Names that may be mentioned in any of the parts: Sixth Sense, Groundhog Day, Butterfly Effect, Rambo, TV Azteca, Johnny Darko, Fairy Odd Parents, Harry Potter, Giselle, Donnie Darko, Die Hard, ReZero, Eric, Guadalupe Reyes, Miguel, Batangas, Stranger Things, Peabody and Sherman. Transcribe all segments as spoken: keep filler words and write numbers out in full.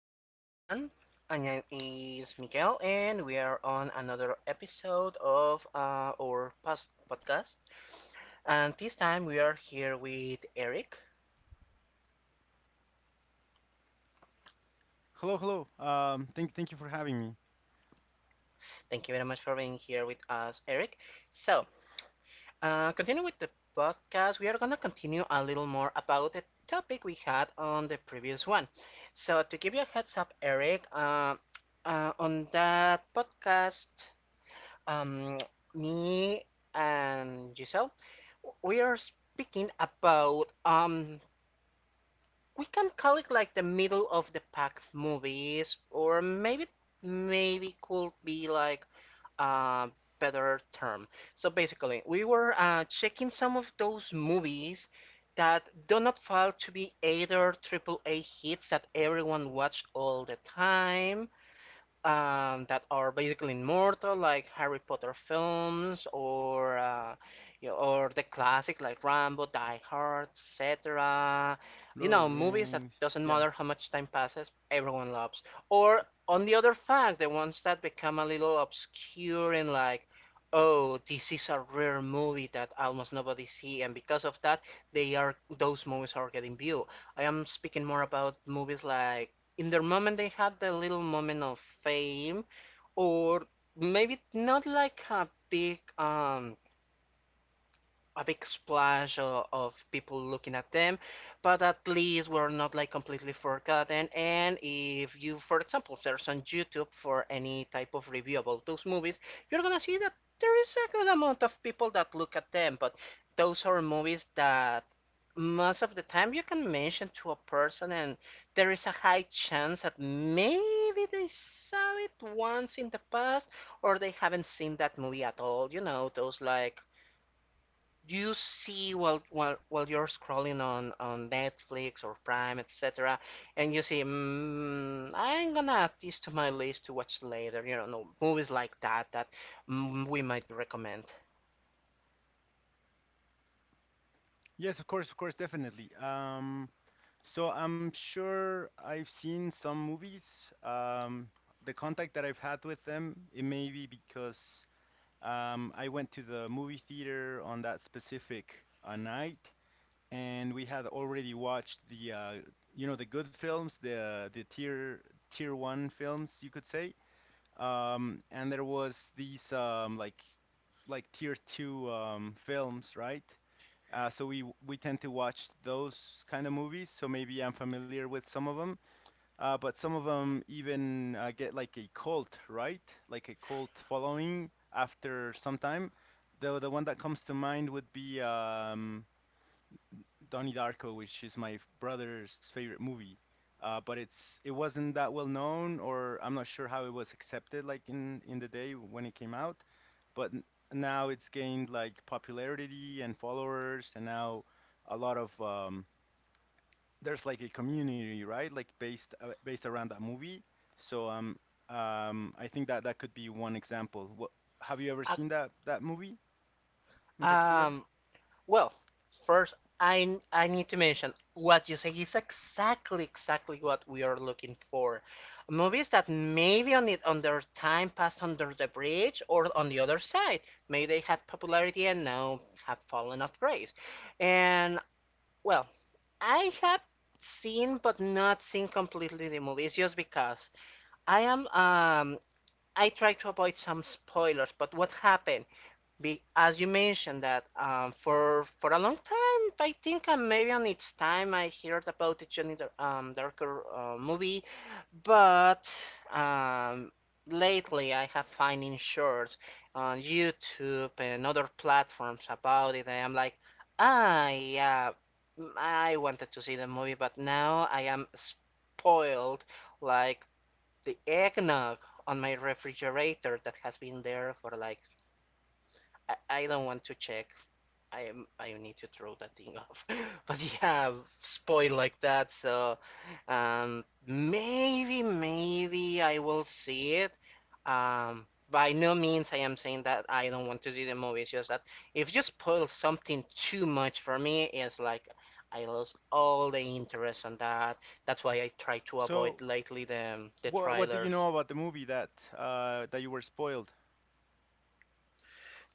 there, everyone. My name is Miguel, and we are on another episode of uh, our past podcast. And this time we are here with Eric. Hello, hello. Um, thank thank you for having me. Thank you very much for being here with us, Eric. So, uh, continue with the podcast. We are going to continue a little more about the topic we had on the previous one. So, to give you a heads up, Eric, uh, uh, on that podcast, Um, me and Giselle, we are speaking about um, we can call it like the middle of the pack movies, or maybe maybe could be like a better term. So basically, we were uh, checking some of those movies that do not fall to be either triple A hits that everyone watch all the time, um, that are basically immortal, like Harry Potter films, or uh, you know, or the classic like Rambo, Die Hard, et cetera. You Lord of the know, movies that Rings. doesn't Yeah. matter how much time passes, everyone loves. Or on the other fact, the ones that become a little obscure and like, oh, this is a rare movie that almost nobody see, and because of that, they are those movies are getting view. I am speaking more about movies like in their moment they had the little moment of fame, or maybe not like a big um a big splash of, of people looking at them, but at least we're not like completely forgotten. And if you, for example, search on YouTube for any type of review about those movies, you're gonna see that there is a good amount of people that look at them, but those are movies that most of the time you can mention to a person and there is a high chance that maybe they saw it once in the past or they haven't seen that movie at all. You know those like, do you see while while while you're scrolling on on Netflix or Prime, et cetera, and you see, mm, I'm gonna add this to my list to watch later. You know, no, movies like that that mm, we might recommend. Yes, of course, of course, definitely. Um, so I'm sure I've seen some movies. Um, the contact that I've had with them, it may be because um, I went to the movie theater on that specific uh, night, and we had already watched the uh, you know the good films, the the tier tier one films, you could say. Um, and there was these um, like like tier two um, films, right? Uh, so we we tend to watch those kind of movies. So maybe I'm familiar with some of them, uh, but some of them even uh, get like a cult, right? Like a cult following after some time. The the one that comes to mind would be um, Donnie Darko, which is my brother's favorite movie. Uh, but it's it wasn't that well known, or I'm not sure how it was accepted like in in the day when it came out. But n- now it's gained like popularity and followers, and now a lot of um, there's like a community, right? Like based uh, based around that movie. So um um I think that that could be one example. What, have you ever Uh, seen that that movie in particular? um, Well, first, I I need to mention what you say is exactly exactly what we are looking for. Movies that maybe on it on their time passed under the bridge or on the other side. Maybe they had popularity and now have fallen off grace. And well, I have seen but not seen completely the movies just because I am um I try to avoid some spoilers, but what happened? Be, as you mentioned that, um, for for a long time, I think uh, maybe on its time I heard about the Johnny Dar- um, Darker uh, movie, but um, lately I have finding shorts on YouTube and other platforms about it, and I'm like, ah, yeah, mm, I wanted to see the movie, but now I am spoiled like the eggnog on my refrigerator that has been there for like I, I don't want to check. I am I need to throw that thing off. But yeah, spoil like that. So, um, maybe maybe I will see it. Um, by no means I am saying that I don't want to see the movie. It's just that if you spoil something too much for me, it's like I lost all the interest on that. That's why I try to So, avoid lately the the What what do you trailers. know about the movie that uh that you were spoiled?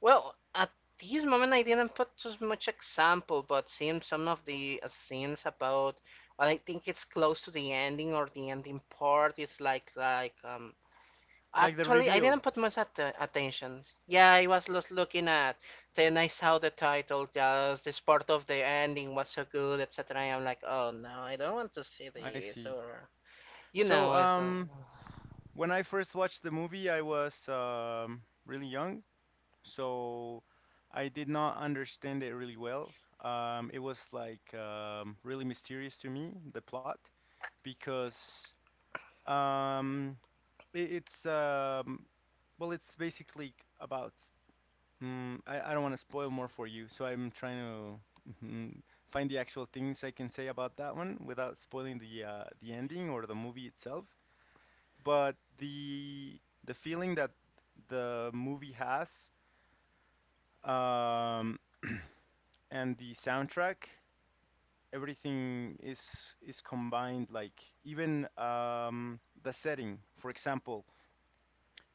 Well, at this moment I didn't put as much example, but seeing some of the uh, scenes about, well, I think it's close to the ending or the ending part. It's like like um. Like the Actually, I didn't reveal. put much at uh, attention. Yeah, I was just looking at. Then I saw the title. Just this part of the ending was so good, et cetera. I'm like, oh no, I don't want to see I this. see. Or you So know, it's uh, um when I first watched the movie, I was um really young, so I did not understand it really well. Um it was like um really mysterious to me, the plot, because um it, it's um well, it's basically about, Mm, I, I don't want to spoil more for you, so I'm trying to mhm, find the actual things I can say about that one without spoiling the uh, the ending or the movie itself. But the the feeling that the movie has, um, and the soundtrack, everything is is combined. Like even um, the setting, for example,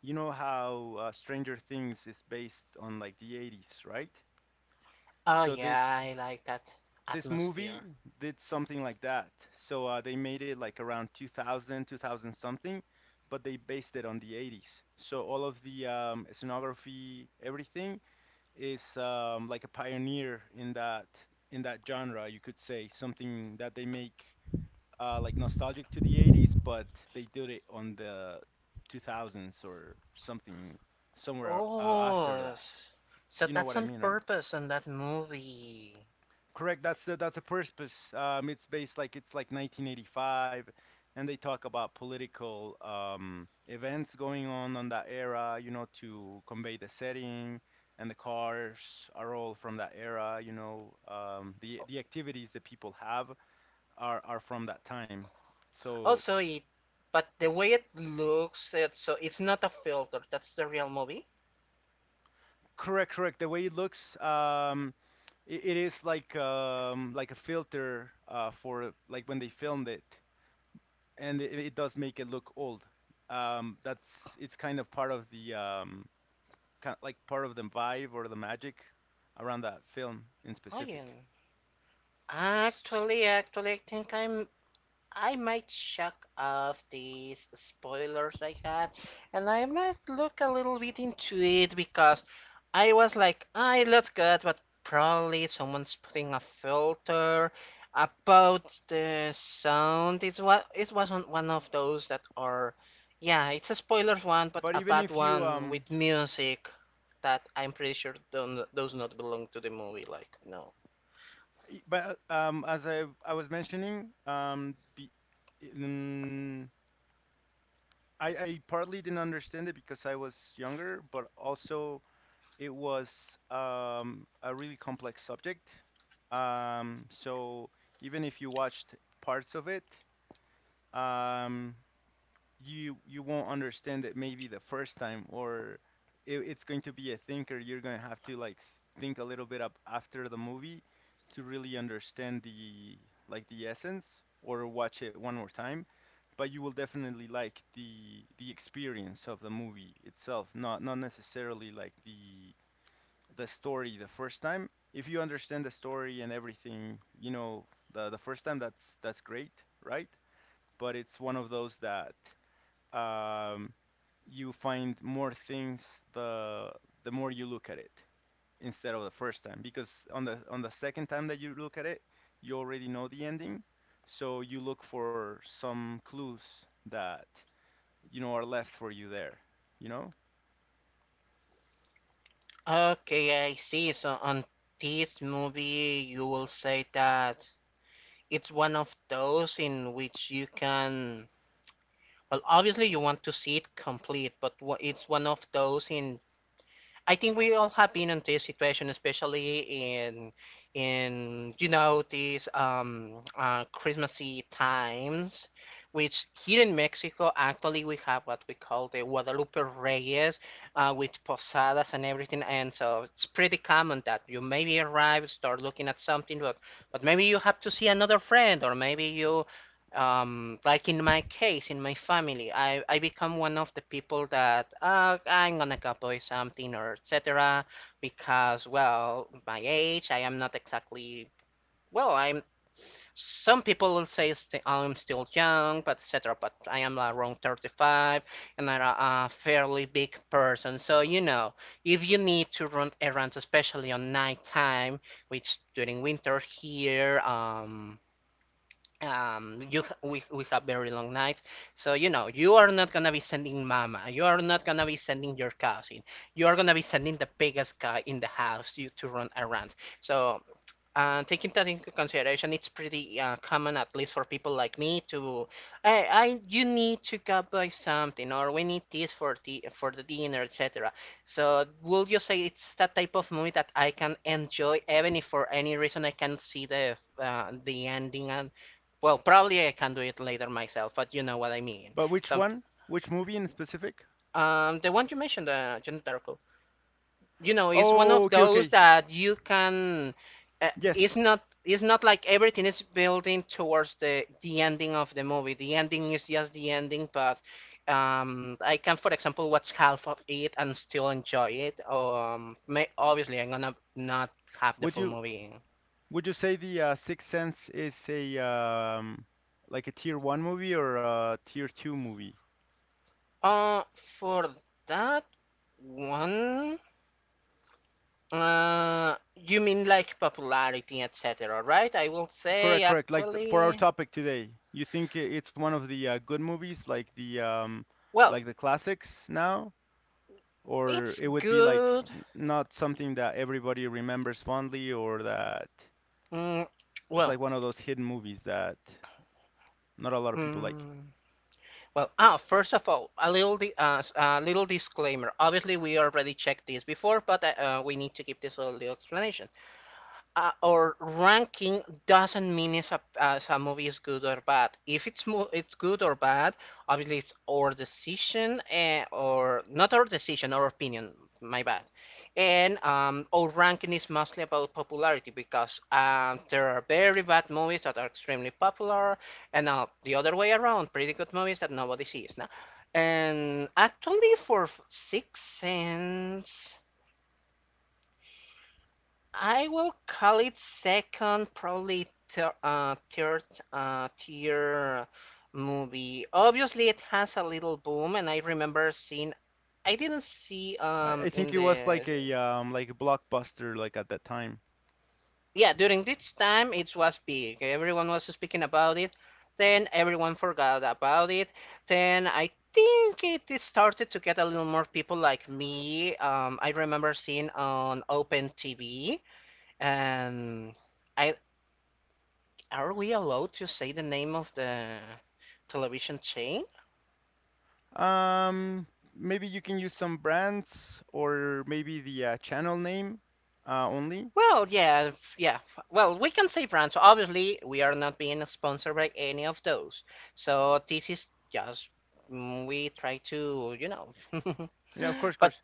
you know how uh, Stranger Things is based on like the eighties, right? Oh So yeah, this I like that this movie atmosphere. did something like that. So uh, they made it like around two thousand, two thousand something, but they based it on the eighties. So all of the um, scenography, everything is um, like a pioneer in that in that genre, you could say, something that they make uh, like nostalgic to the eighties, but they did it on the two thousands or something somewhere uh, after Oh, that. s- so You know that's what I on mean, right? purpose on that movie. Correct. That's the that's the purpose. Um, it's based like it's like nineteen eighty-five, and they talk about political um, events going on on that era. You know, to convey the setting, and the cars are all from that era. You know, um, the the activities that people have are are from that time. So, Also, it but The way it looks, it so it's not a filter. That's the real movie. correct, correct. The way it looks, um, it, it is like um, like a filter uh, for like when they filmed it. And it, it does make it look old. Um, that's it's kind of part of the um, kind like part of the vibe or the magic around that film in Oh, specific. yeah. S- s- Actually, actually, I think I'm I might shock off these spoilers I had, and I might look a little bit into it because I was like, I look good, but probably someone's putting a filter about the sound. It's what it wasn't one of those that are, yeah, it's a spoilers one, but But a even bad if you one um, with music that I'm pretty sure don't, does not belong to the movie. Like, no. y- but uh, um, as I I was mentioning um, be, mm, I I partly didn't understand it because I was younger, but also it was um, a really complex subject. Um, so even if you watched parts of it, um, you you won't understand it maybe the first time, or it, it's going to be a thinker. You're going to have to like s- think a little bit up after the movie to really understand the like the essence, or watch it one more time. But you will definitely like the the experience of the movie itself, not, not necessarily like the the story the first time. If you understand the story and everything, you know, the the first time, that's that's great, right? But it's one of those that um, you find more things the the more you look at it instead of the first time, because on the on the second time that you look at it, you already know the ending, so you look for some clues that, you know, are left for you there, you know. Okay, I see. So on this movie, you will say that it's one of those in which you can. Well, obviously, you want to see it complete, but wha- it's one of those in. I think we all have been in this situation, especially in in, you know, these um uh, Christmassy times, which here in Mexico actually we have what we call the Guadalupe Reyes, uh, with posadas and everything, and so it's pretty common that you maybe arrive, start looking at something, but but maybe you have to see another friend, or maybe you, um like in my case, in my family, i i become one of the people that, uh, I'm gonna go buy something or etc, because, well, my age, I am not exactly, well, I'm, some people will say st- I'm still young but etc, but I am around thirty-five and I'm a, a fairly big person. So, you know, if you need to run errands, especially on night time, which during winter here, um um you ha- we, we have very long nights. So, you know, you are not gonna be sending mama, you are not gonna be sending your cousin, you are gonna be sending the biggest guy in the house, you, to run around. So, and taking that into consideration, it's pretty uh, common, at least for people like me, to I, I, you need to go buy something, or we need this for the for the dinner, et cetera. So would you say it's that type of movie that I can enjoy, even if for any reason I can't see the uh, the ending? And well, probably I can do it later myself, but you know what I mean. But which Some, one, which movie in specific? um, the one you mentioned, uh, Jenna Darko, you know, it's one Oh, of okay, those okay. that you can. Uh, yes. it's not. It's not like everything is building towards the the ending of the movie. The ending is just the ending, but um, I can, for example, watch half of it and still enjoy it. Um, may, obviously, I'm gonna not have the would full you movie. Would you say the uh, Sixth Sense is a um, like a tier one movie or a tier two movie? Uh, for that one, uh, you mean like popularity, et cetera, right? I will say Correct, correct. Like th- for our actually, topic today, you think i- it's one of the uh, good movies, like the um, well, like the classics now, or it's it would be like good n- not something that everybody remembers fondly, or that Mm, it's well, like one of those hidden movies that not a lot of people like. mm, well. Ah, First of all, a little di uh, s- a little disclaimer. Obviously, we already checked this before, but uh, uh, we need to give this a little explanation. uh, or ranking doesn't mean if a, as a movie is good or bad. If it's mo- it's good or bad, obviously it's our decision, eh, or not our decision, our opinion. My bad. And um, our ranking is mostly about popularity because, um, there are very bad movies that are extremely popular, and uh, the other way around, pretty good movies that nobody sees. No? And actually, for Sixth Sense. I will call it second, probably thir- uh, third uh, tier movie. Obviously, it has a little boom, and I remember seeing. I didn't see I, um I think in it was the. like a um, like a blockbuster like at that time. Yeah, during this time it was big. Everyone was speaking about it. Then everyone forgot about it. Then I think it is started to get a little more people like me. Um, I remember seeing on Open T V and. I, Are we allowed to say the name of the television chain? Um, maybe you can use some brands or maybe the uh, channel name uh, only. Well, yeah, yeah. Well, we can say brands. So obviously, we are not being sponsored by any of those. So this is just mm, we try to, you know. Yeah, of course, of But course.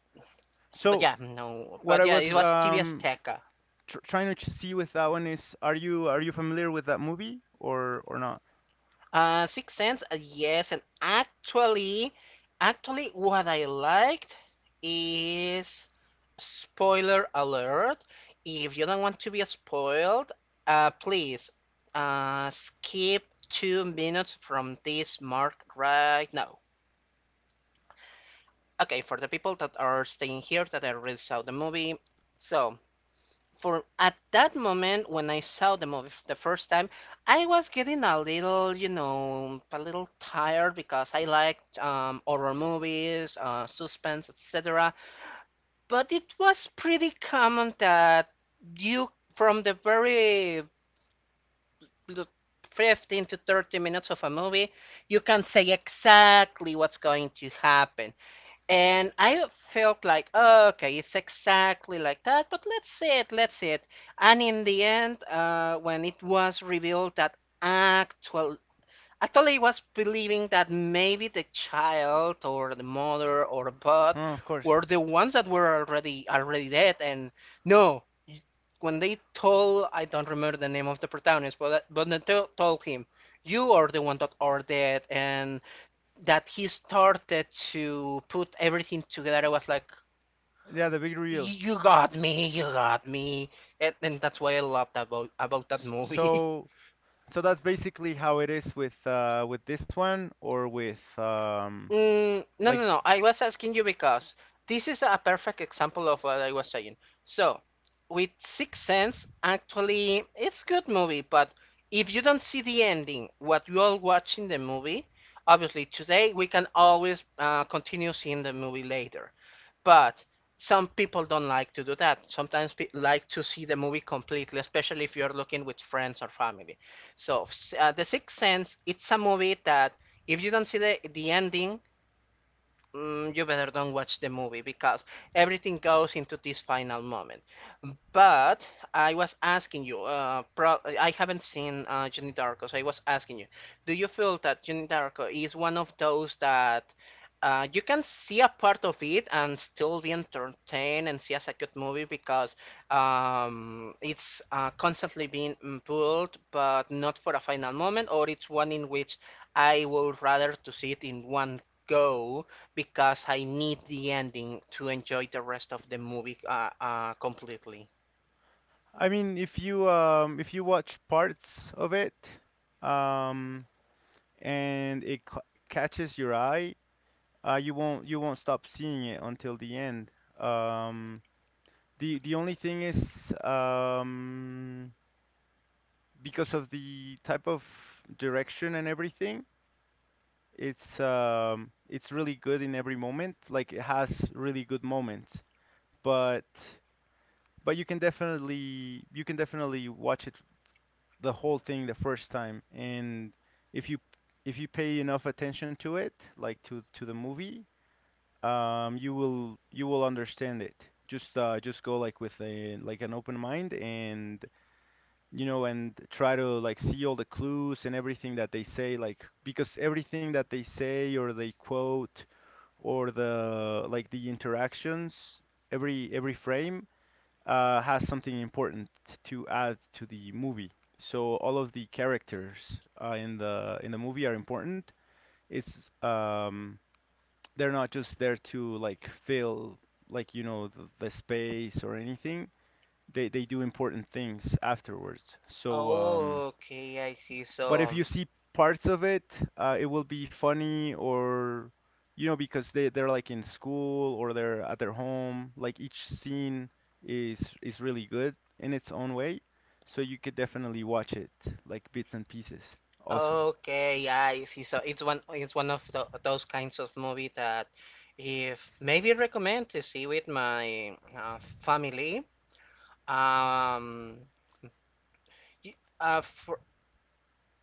but So Yeah, no. what But I yeah, was it was T V um Azteca. tr trying to ch- see with that one is, are you, are you familiar with that movie or or not? Uh, Sixth Sense, uh, yes, and actually, actually, what I liked is spoiler alert. If you don't want to be spoiled, uh, please uh, skip two minutes from this mark right now. Okay, for the people that are staying here that I already saw the movie, so for at that moment when I saw the movie, f- the first time, I was getting a little, you know, a little tired because I liked, um, horror movies, uh, suspense, et cetera. But it was pretty common that you, from the very l- fifteen to thirty minutes of a movie, you can say exactly what's going to happen. And I felt like, oh, okay, it's exactly like that, but let's see it, let's see it. And in the end, uh, when it was revealed that actual, actually, was believing that maybe the child or the mother or both Huh, of course. were the ones that were already already dead. And no, when they told, I don't remember the name of the protagonist, but but they to- told him, you are the one that are dead, and that he started to put everything together, I was like, Yeah, the big reveal. "You got me, you got me," and, and that's why I loved about about that S- movie. So, so that's basically how it is with uh with this one or with um mm, No, like no, no. I was asking you because this is a perfect example of what I was saying. So, with Sixth Sense, actually, it's a good movie, but if you don't see the ending, what you all watch in the movie, obviously today we can always uh, continue seeing the movie later. But some people don't like to do that. Sometimes people like to see the movie completely, especially if you're looking with friends or family. So, uh, The Sixth Sense, it's a movie that if you don't see the, the ending, mm, you better don't watch the movie because everything goes into this final moment. But I was asking you, uh, pro I haven't seen uh, Johnny Darko, so I was asking you, do you feel that Johnny Darko is one of those that uh, you can see a part of it and still be entertained and see as a good movie because um, it's uh, constantly being mm, pulled, but not for a final moment, or it's one in which I would rather to see it in one go because I need the ending to enjoy the rest of the movie uh, uh, completely. I mean, if you um if you watch parts of it, um, and it ca catches your eye, uh, you won't, you won't stop seeing it until the end. Um, the the only thing is um, because of the type of direction and everything, it's um, it's really good in every moment. Like it has really good moments, but but you can definitely, you can definitely watch it the whole thing the first time, and if you, if you pay enough attention to it, like to to the movie, um, you will, you will understand it. Just uh just go like with a like an open mind, and you know, and try to like see all the clues and everything that they say, like, because everything that they say or they quote or the like the interactions, every every frame uh has something important to add to the movie. So all of the characters uh, in the in the movie are important. It's um, they're not just there to like fill, like, you know, the, the space or anything. They they do important things afterwards. So um, Okay, I see. but if So, you see parts of it, uh, it will be funny, or you know, because they they're like in school or they're at their home. Like each scene is is really good in its own way. So you could definitely watch it like bits and pieces also. okay, I see. So it's one it's one of tho- those kinds of movie that if maybe recommend to see with my uh, family. Um, y- uh, for,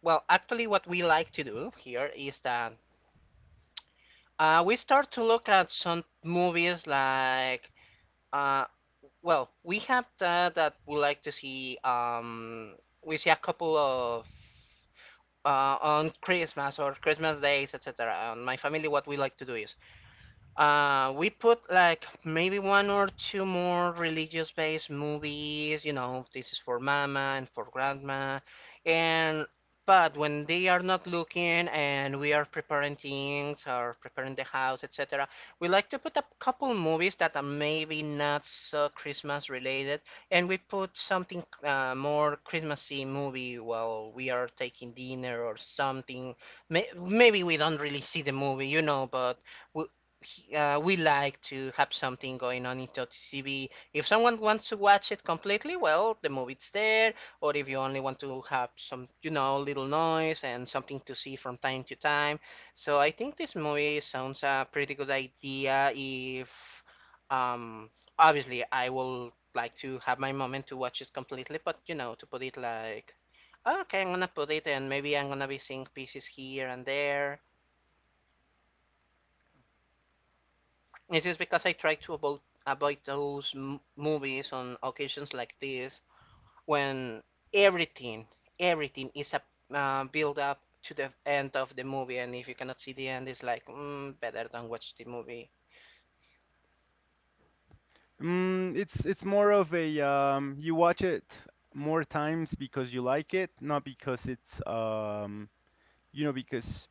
well, actually, what we like to do here is that uh, we start to look at some movies like. Uh, Well, we have that that we like to see. Um, we see a couple of uh, on Christmas or Christmas days, et cetera. On my family, what we like to do is uh, we put like maybe one or two more religious-based movies, you know, this is for mama and for grandma, and but when they are not looking and we are preparing things or preparing the house, et cetera, we like to put a couple movies that are maybe not so Christmas related, and we put something uh, more Christmassy movie while we are taking dinner or something. May- Maybe we don't really see the movie, you know, but. We, he- uh, we like to have something going on into T V. If someone wants to watch it completely, well, the movie's there. Or if you only want to have some, you know, little noise and something to see from time to time. So I think this movie sounds a pretty good idea. If um, obviously I will like to have my moment to watch it completely, but you know, to put it like. Okay, I'm gonna put it, and maybe I'm gonna be seeing pieces here and there. This is because I try to avoid avoid those m- movies on occasions like this when everything everything is a uh, build up to the end of the movie, and if you cannot see the end, it's like mm, better don't watch the movie. Mm, it's it's more of a um, you watch it more times because you like it, not because it's um, you know, because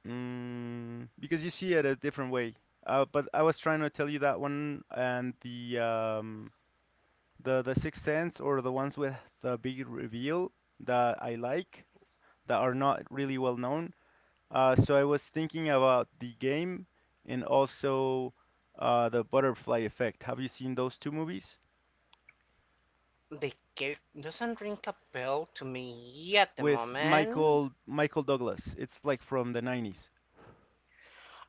mm, because you see it a different way. Uh, but I was trying to tell you that one and the um, the the Sixth Sense, or the ones with the big reveal that I like, that are not really well known. Uh, so I was thinking about The Game and also uh, The Butterfly Effect. Have you seen those two movies? The cake doesn't ring a bell to me at the With moment. Michael Michael Douglas. It's like from the nineties.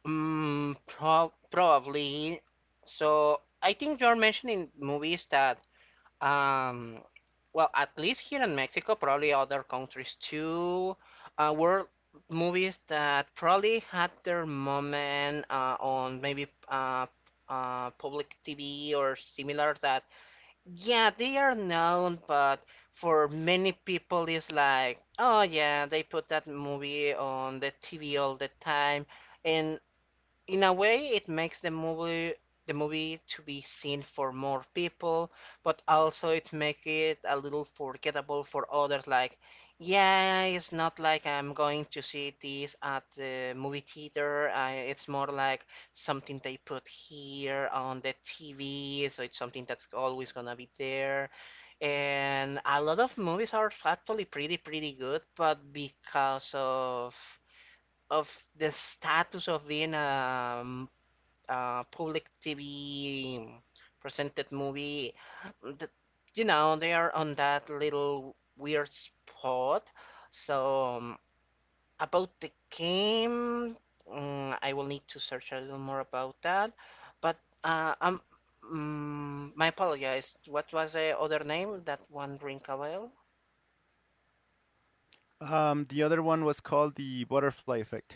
Mm, prob probably. So I think you're mentioning movies that um, well, at least here in Mexico, probably other countries too, uh, were movies that probably had their moment uh, on maybe uh, uh, public T V or similar that, yeah, they are known, but for many people it's like, oh yeah, they put that movie on the T V all the time. And in a way it makes the movie the movie to be seen for more people but also it make it a little forgettable for others like yeah it's not like I'm going to see this at the movie theater. I, it's more like something they put here on the TV, so it's something that's always gonna be there, and a lot of movies are actually pretty pretty good but because of of the status of being a uh, public T V presented movie, that, you know, they are on that little weird spot. So, um, about the game, mm, I will need to search a little more about that. But uh, um, mm, my apologies. What was the other name? That one ring a bell? Um, the other one was called The Butterfly Effect.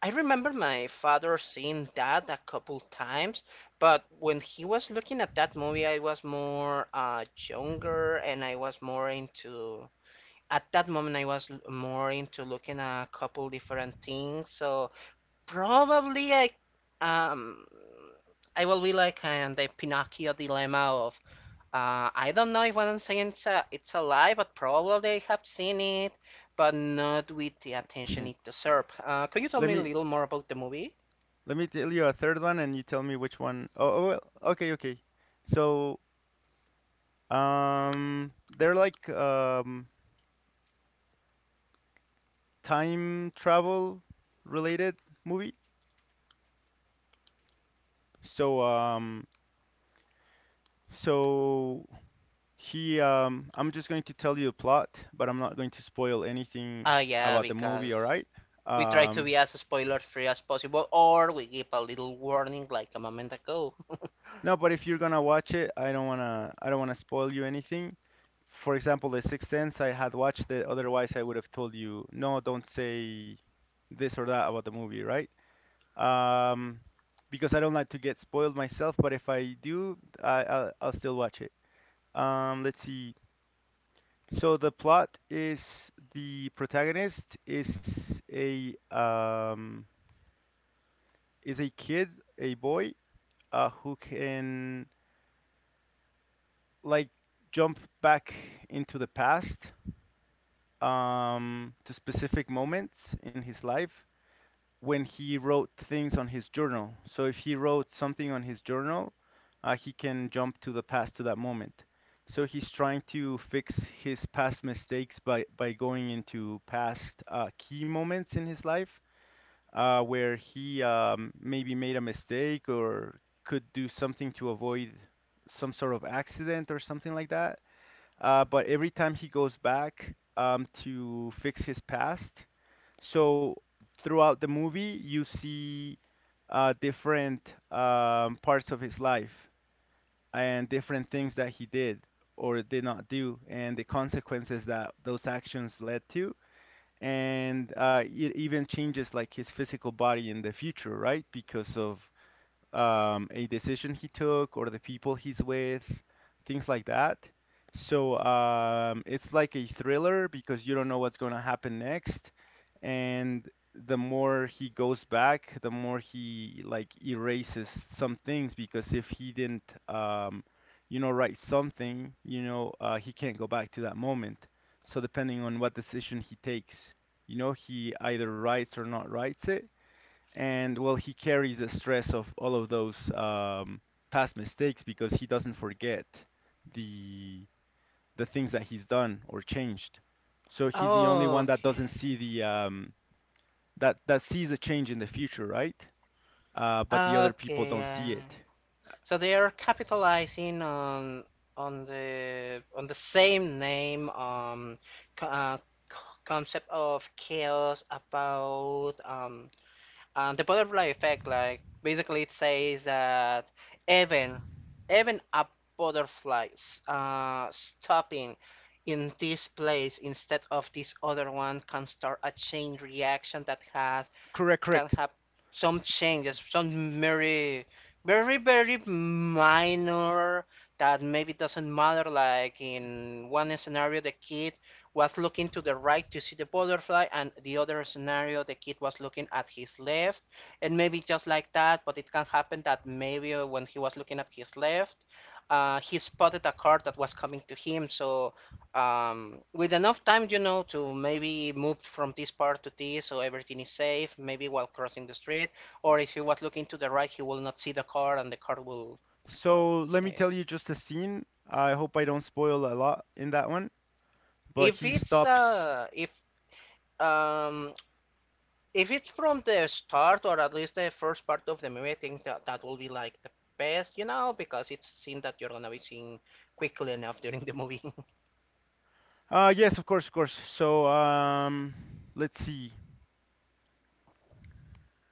I remember my father seeing that a couple times, but when he was looking at that movie, I was more uh, younger and I was more into. At that moment, I was l- more into looking at a couple different things. So probably I, um, I will be like in the Pinocchio dilemma. uh, I don't know if one saying it's a, it's a lie, but probably I have seen it, but not with the attention it deserved. Uh, could you tell Let me a me, little more about the movie? let me tell you a third one and you tell me which one. Oh, oh well, okay, okay. So, um, they're like um time travel related movie. So, um, so he um I'm just going to tell you the plot, but I'm not going to spoil anything Uh, yeah, about the movie, all because right? we try to Um, be as spoiler-free as possible, or we give a little warning like a moment ago. no, but if you're gonna watch it, I don't wanna, I don't wanna spoil you anything. For example, The Sixth Sense, I had watched it, otherwise I would have told you, no, don't say this or that about the movie, right? Um, because I don't like to get spoiled myself, but if I do, I, I'll, I'll still watch it. Um, let's see. So the plot is the protagonist is a um, is a kid, a boy, uh, who can like jump back into the past um, to specific moments in his life when he wrote things on his journal. So if he wrote something on his journal, uh, he can jump to the past to that moment. So he's trying to fix his past mistakes by, by going into past uh, key moments in his life, uh, where he um, maybe made a mistake or could do something to avoid some sort of accident or something like that, uh, but every time he goes back um, to fix his past, so throughout the movie you see uh, different um, parts of his life and different things that he did or did not do, and the consequences that those actions led to. And uh, it even changes like his physical body in the future, right? Because of um, a decision he took or the people he's with, things like that. So um, it's like a thriller because you don't know what's going to happen next. And the more he goes back, the more he like erases some things because if he didn't, um, you know, write something, you know, uh, he can't go back to that moment. So depending on what decision he takes, you know, he either writes or not writes it and well, he carries the stress of all of those um, past mistakes because he doesn't forget the the things that he's done or changed. So he's the only one that doesn't Okay. see the um, that that sees a change in the future, right? Uh, but the other people Okay, don't yeah. see it. So they are capitalizing on on the on the same name um co- uh, co- concept of chaos about um uh, the butterfly effect. Like basically, it says that even even a butterfly s- uh, stopping in this place instead of this other one can start a chain reaction that has Correct, can correct. have some S- changes, some very, very, very minor that maybe doesn't matter. Like in one scenario, the kid was looking to the right to see the butterfly, and the other scenario, the kid was looking at his left, and maybe just like that. But it can happen that maybe when he was looking at his left, uh, he spotted a car that was coming to him. So um, with enough time, you know, to maybe move from this part to this, so everything is safe. Maybe while crossing the street, or if he was looking to the right, he will not see the car, and the car will, well, So let me yeah. tell you just a scene. I hope I don't spoil a lot in that one, but If he it's stops. uh, if um, if it's from the start or at least the first part of the movie, I think that that will be like the best, you know, because it's seen that you're gonna be seeing quickly enough during the movie. Uh, yes, of course, of course. So um, let's see.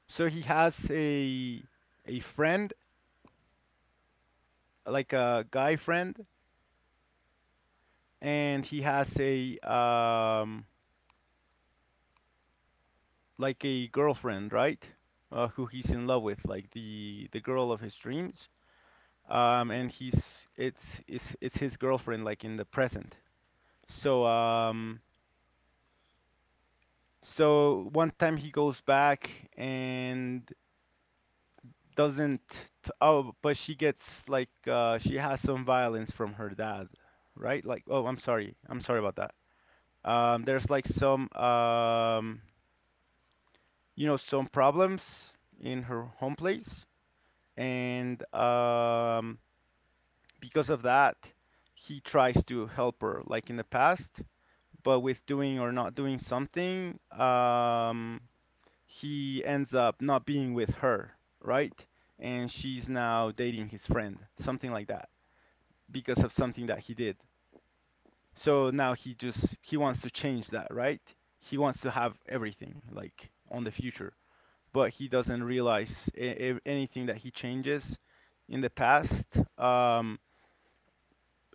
So he has a a friend, like a guy friend, and he has a um like a girlfriend, right? Uh, who he's in love with, like the the girl of his dreams. Um, and he's it's it's it's his girlfriend, like in the present. So um so one time he goes back and doesn't t- oh, but she gets like uh she has some violence from her dad, right? Like, oh, I'm sorry, I'm sorry about that. Um, there's like some, um, you know, some problems in her home place, and um, because of that, he tries to help her, like in the past, but with doing or not doing something, um, he ends up not being with her, right? And she's now dating his friend, something like that, because of something that he did. So now he just he wants to change that, right? He wants to have everything like on the future, but he doesn't realize a- a- anything that he changes in the past um,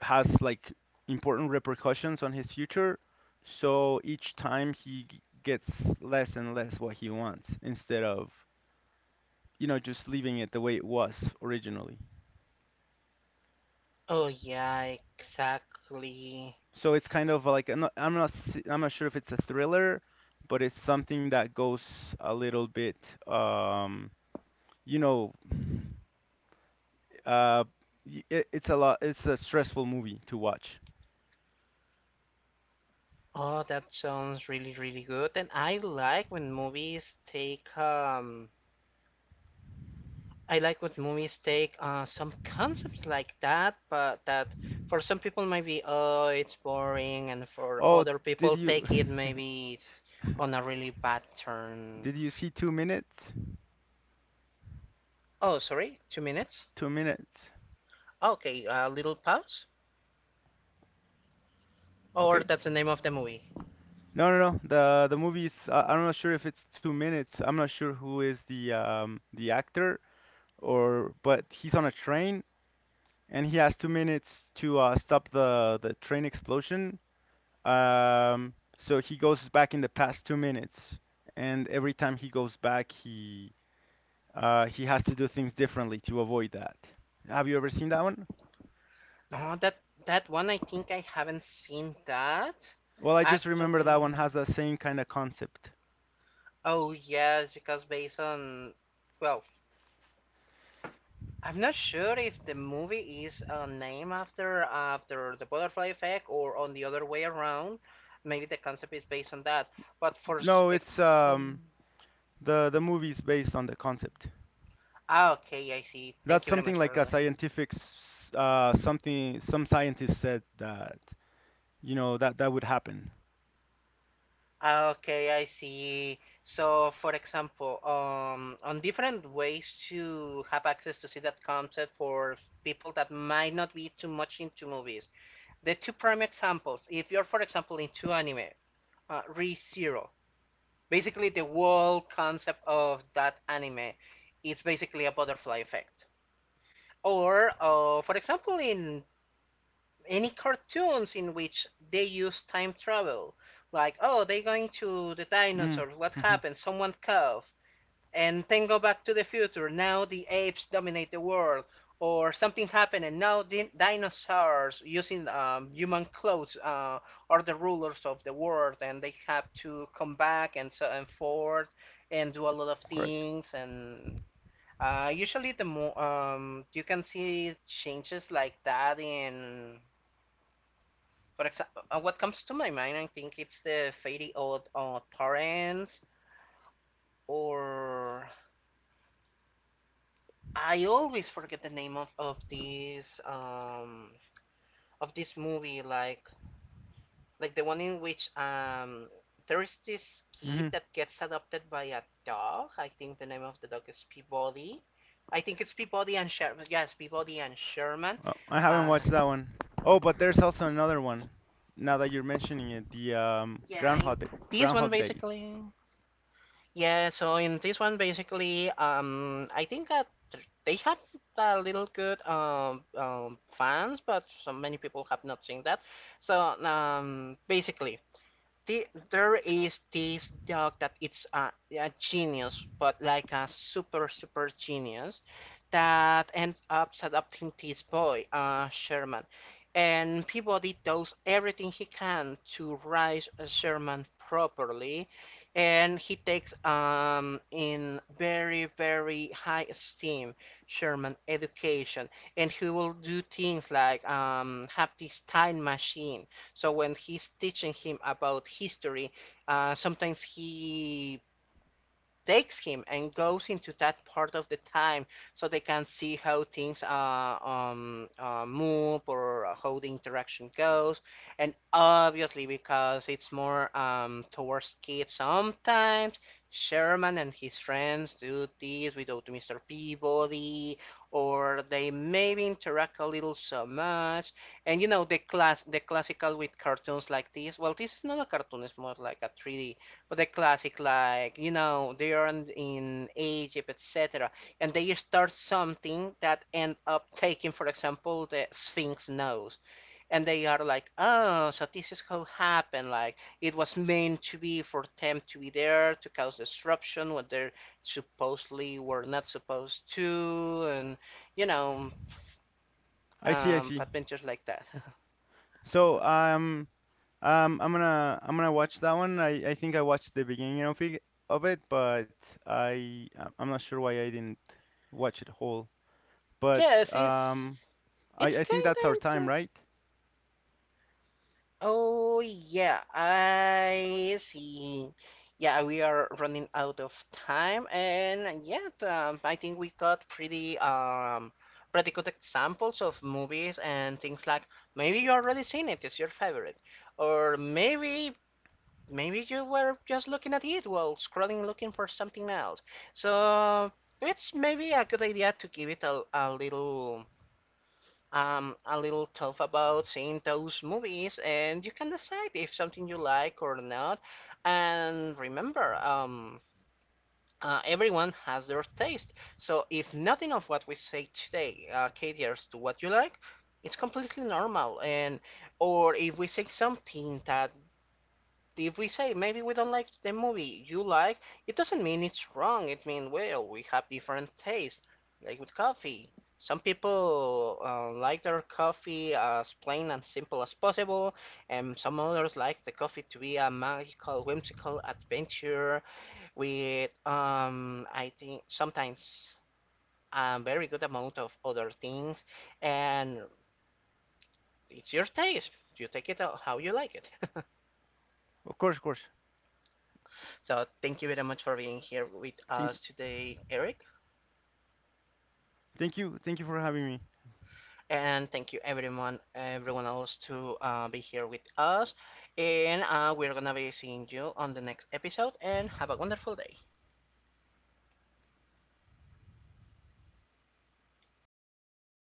has like important repercussions on his future. So each time he g- gets less and less what he wants instead of, you know, just leaving it the way it was originally. Oh yeah, exactly. So it's kind of like I'm not, I'm not s- I'm not sure if it's a thriller, but it's something that goes a little bit um, you know, uh, y- it, it's a lot it's a stressful movie to watch. Oh, that sounds really, really good. And I like when movies take um I like when movies take uh some concepts like that, but that for some people maybe oh it's boring and for Oh, other did people you take it maybe on a really bad turn. did you see two minutes? Oh, sorry, two minutes? Two minutes. Okay, a little pause? Or Okay. that's the name of the movie. No, no, no. The the movie is, I, I'm not sure if it's two minutes. I'm not sure who is the um the actor, or but he's on a train and he has two minutes to uh, stop the the train explosion. Um, so he goes back in the past two minutes, and every time he goes back, he uh he has to do things differently to avoid that. Have you ever seen that one? Oh, that that one I think I haven't seen that. Well, I just remember that one Actually. has the same kind of concept. Oh yes, because based on well, I'm not sure if the movie is uh, named after after the butterfly effect or on the other way around. Maybe the concept is based on that. But for s- No, it's um exam, the the movie's based on the concept. ah, okay, I see. Thank That's you very something much for like a letting me— scientific s- uh something some scientist said that, you know, that that would happen. ah, okay, I see. So, for example, um, on different ways to have access to see that concept for people that might not be too much into movies. The two prime examples, if you're, for example, into anime, uh, ReZero. Basically, the whole concept of that anime is basically a butterfly effect. Or, uh, for example, in any cartoons in which they use time travel, like, oh, they're going to the Mm, dinosaurs, what hmm happened? Someone cough, and then go back to the future. Now the apes dominate the world, or something happened, and now the dinosaurs using um, human clothes uh, are the rulers of the world, and they have to come back and so and forth and do a lot of correct. things. And uh, usually, the mo- um, you can see changes like that in. For example, uh, what comes to my mind, I think it's the Fairy Odd, Odd Parents, or I always forget the name of of this um of this movie like like the one in which um there is this kid Hmm that gets adopted by a dog. I think the name of the dog is Peabody. I think it's Peabody and Sherman. Yes, Peabody and Sherman. Uh, I haven't Uh, watched that one. Oh, but there's also another one. Now that you're mentioning it, the um yeah, in Groundhog Day. this one Groundhog Day. basically. Yeah, so in this one, basically, um, I think that they have a little good um, um, fans, but so many people have not seen that. So um, basically, the, there is this dog that it's a, a genius, but like a super super genius that ends up adopting this boy, uh, Sherman, and Peabody does everything he can to raise uh, Sherman properly, and he takes um in very very high esteem Sherman education, and he will do things like um have this time machine so when he's teaching him about history, uh, sometimes he takes him and goes into that part of the time so they can see how things uh, um, uh, move or how the interaction goes. And obviously, because it's more um, towards kids, sometimes Sherman and his friends do this without Mister Peabody, or they maybe interact a little so much. And you know the class, the classical with cartoons like this. Well, this is not a cartoon; it's more like a three D but the classic, like, you know, they are in in Egypt, et cetera. And they start something that end up taking, for example, the Sphinx nose. And they are like, oh, so this is how happened. Like, it was meant to be for them to be there to cause disruption when they supposedly were not supposed to. And, you know, I see, I um, see. adventures like that. So um Um, I'm gonna I'm gonna watch that one. I, I think I watched the beginning of it, of it, but I I- am not sure why I didn't watch it whole. But yes, it's. um, I It's I think kind that's our time, of right? oh yeah, I see. Yeah, we are running out of time, and yet um, I think we got pretty um pretty good examples of movies and things like maybe you already seen it, it's your favorite, or maybe maybe you were just looking at it while scrolling looking for something else. So it's maybe a good idea to give it a, a little um, a little tough about seeing those movies, and you can decide if something you like or not. And remember, um, uh, everyone has their taste. So if nothing of what we say today uh, caters to what you like, it's completely normal. And or if we say something that if we say maybe we don't like the movie you like, it doesn't mean it's wrong. It means, well, we have different tastes, like with coffee. Some people uh, like their coffee as plain and simple as possible, and some others like the coffee to be a magical, whimsical adventure with, um, I think, sometimes a very good amount of other things. And it's your taste. You take it out how you like it. Of course, of course. So thank you very much for being here with Thank you, us today, Eric. thank you, thank you for having me. And thank you everyone, everyone else to uh, be here with us. And uh, we're gonna be seeing you on the next episode. And have a wonderful day.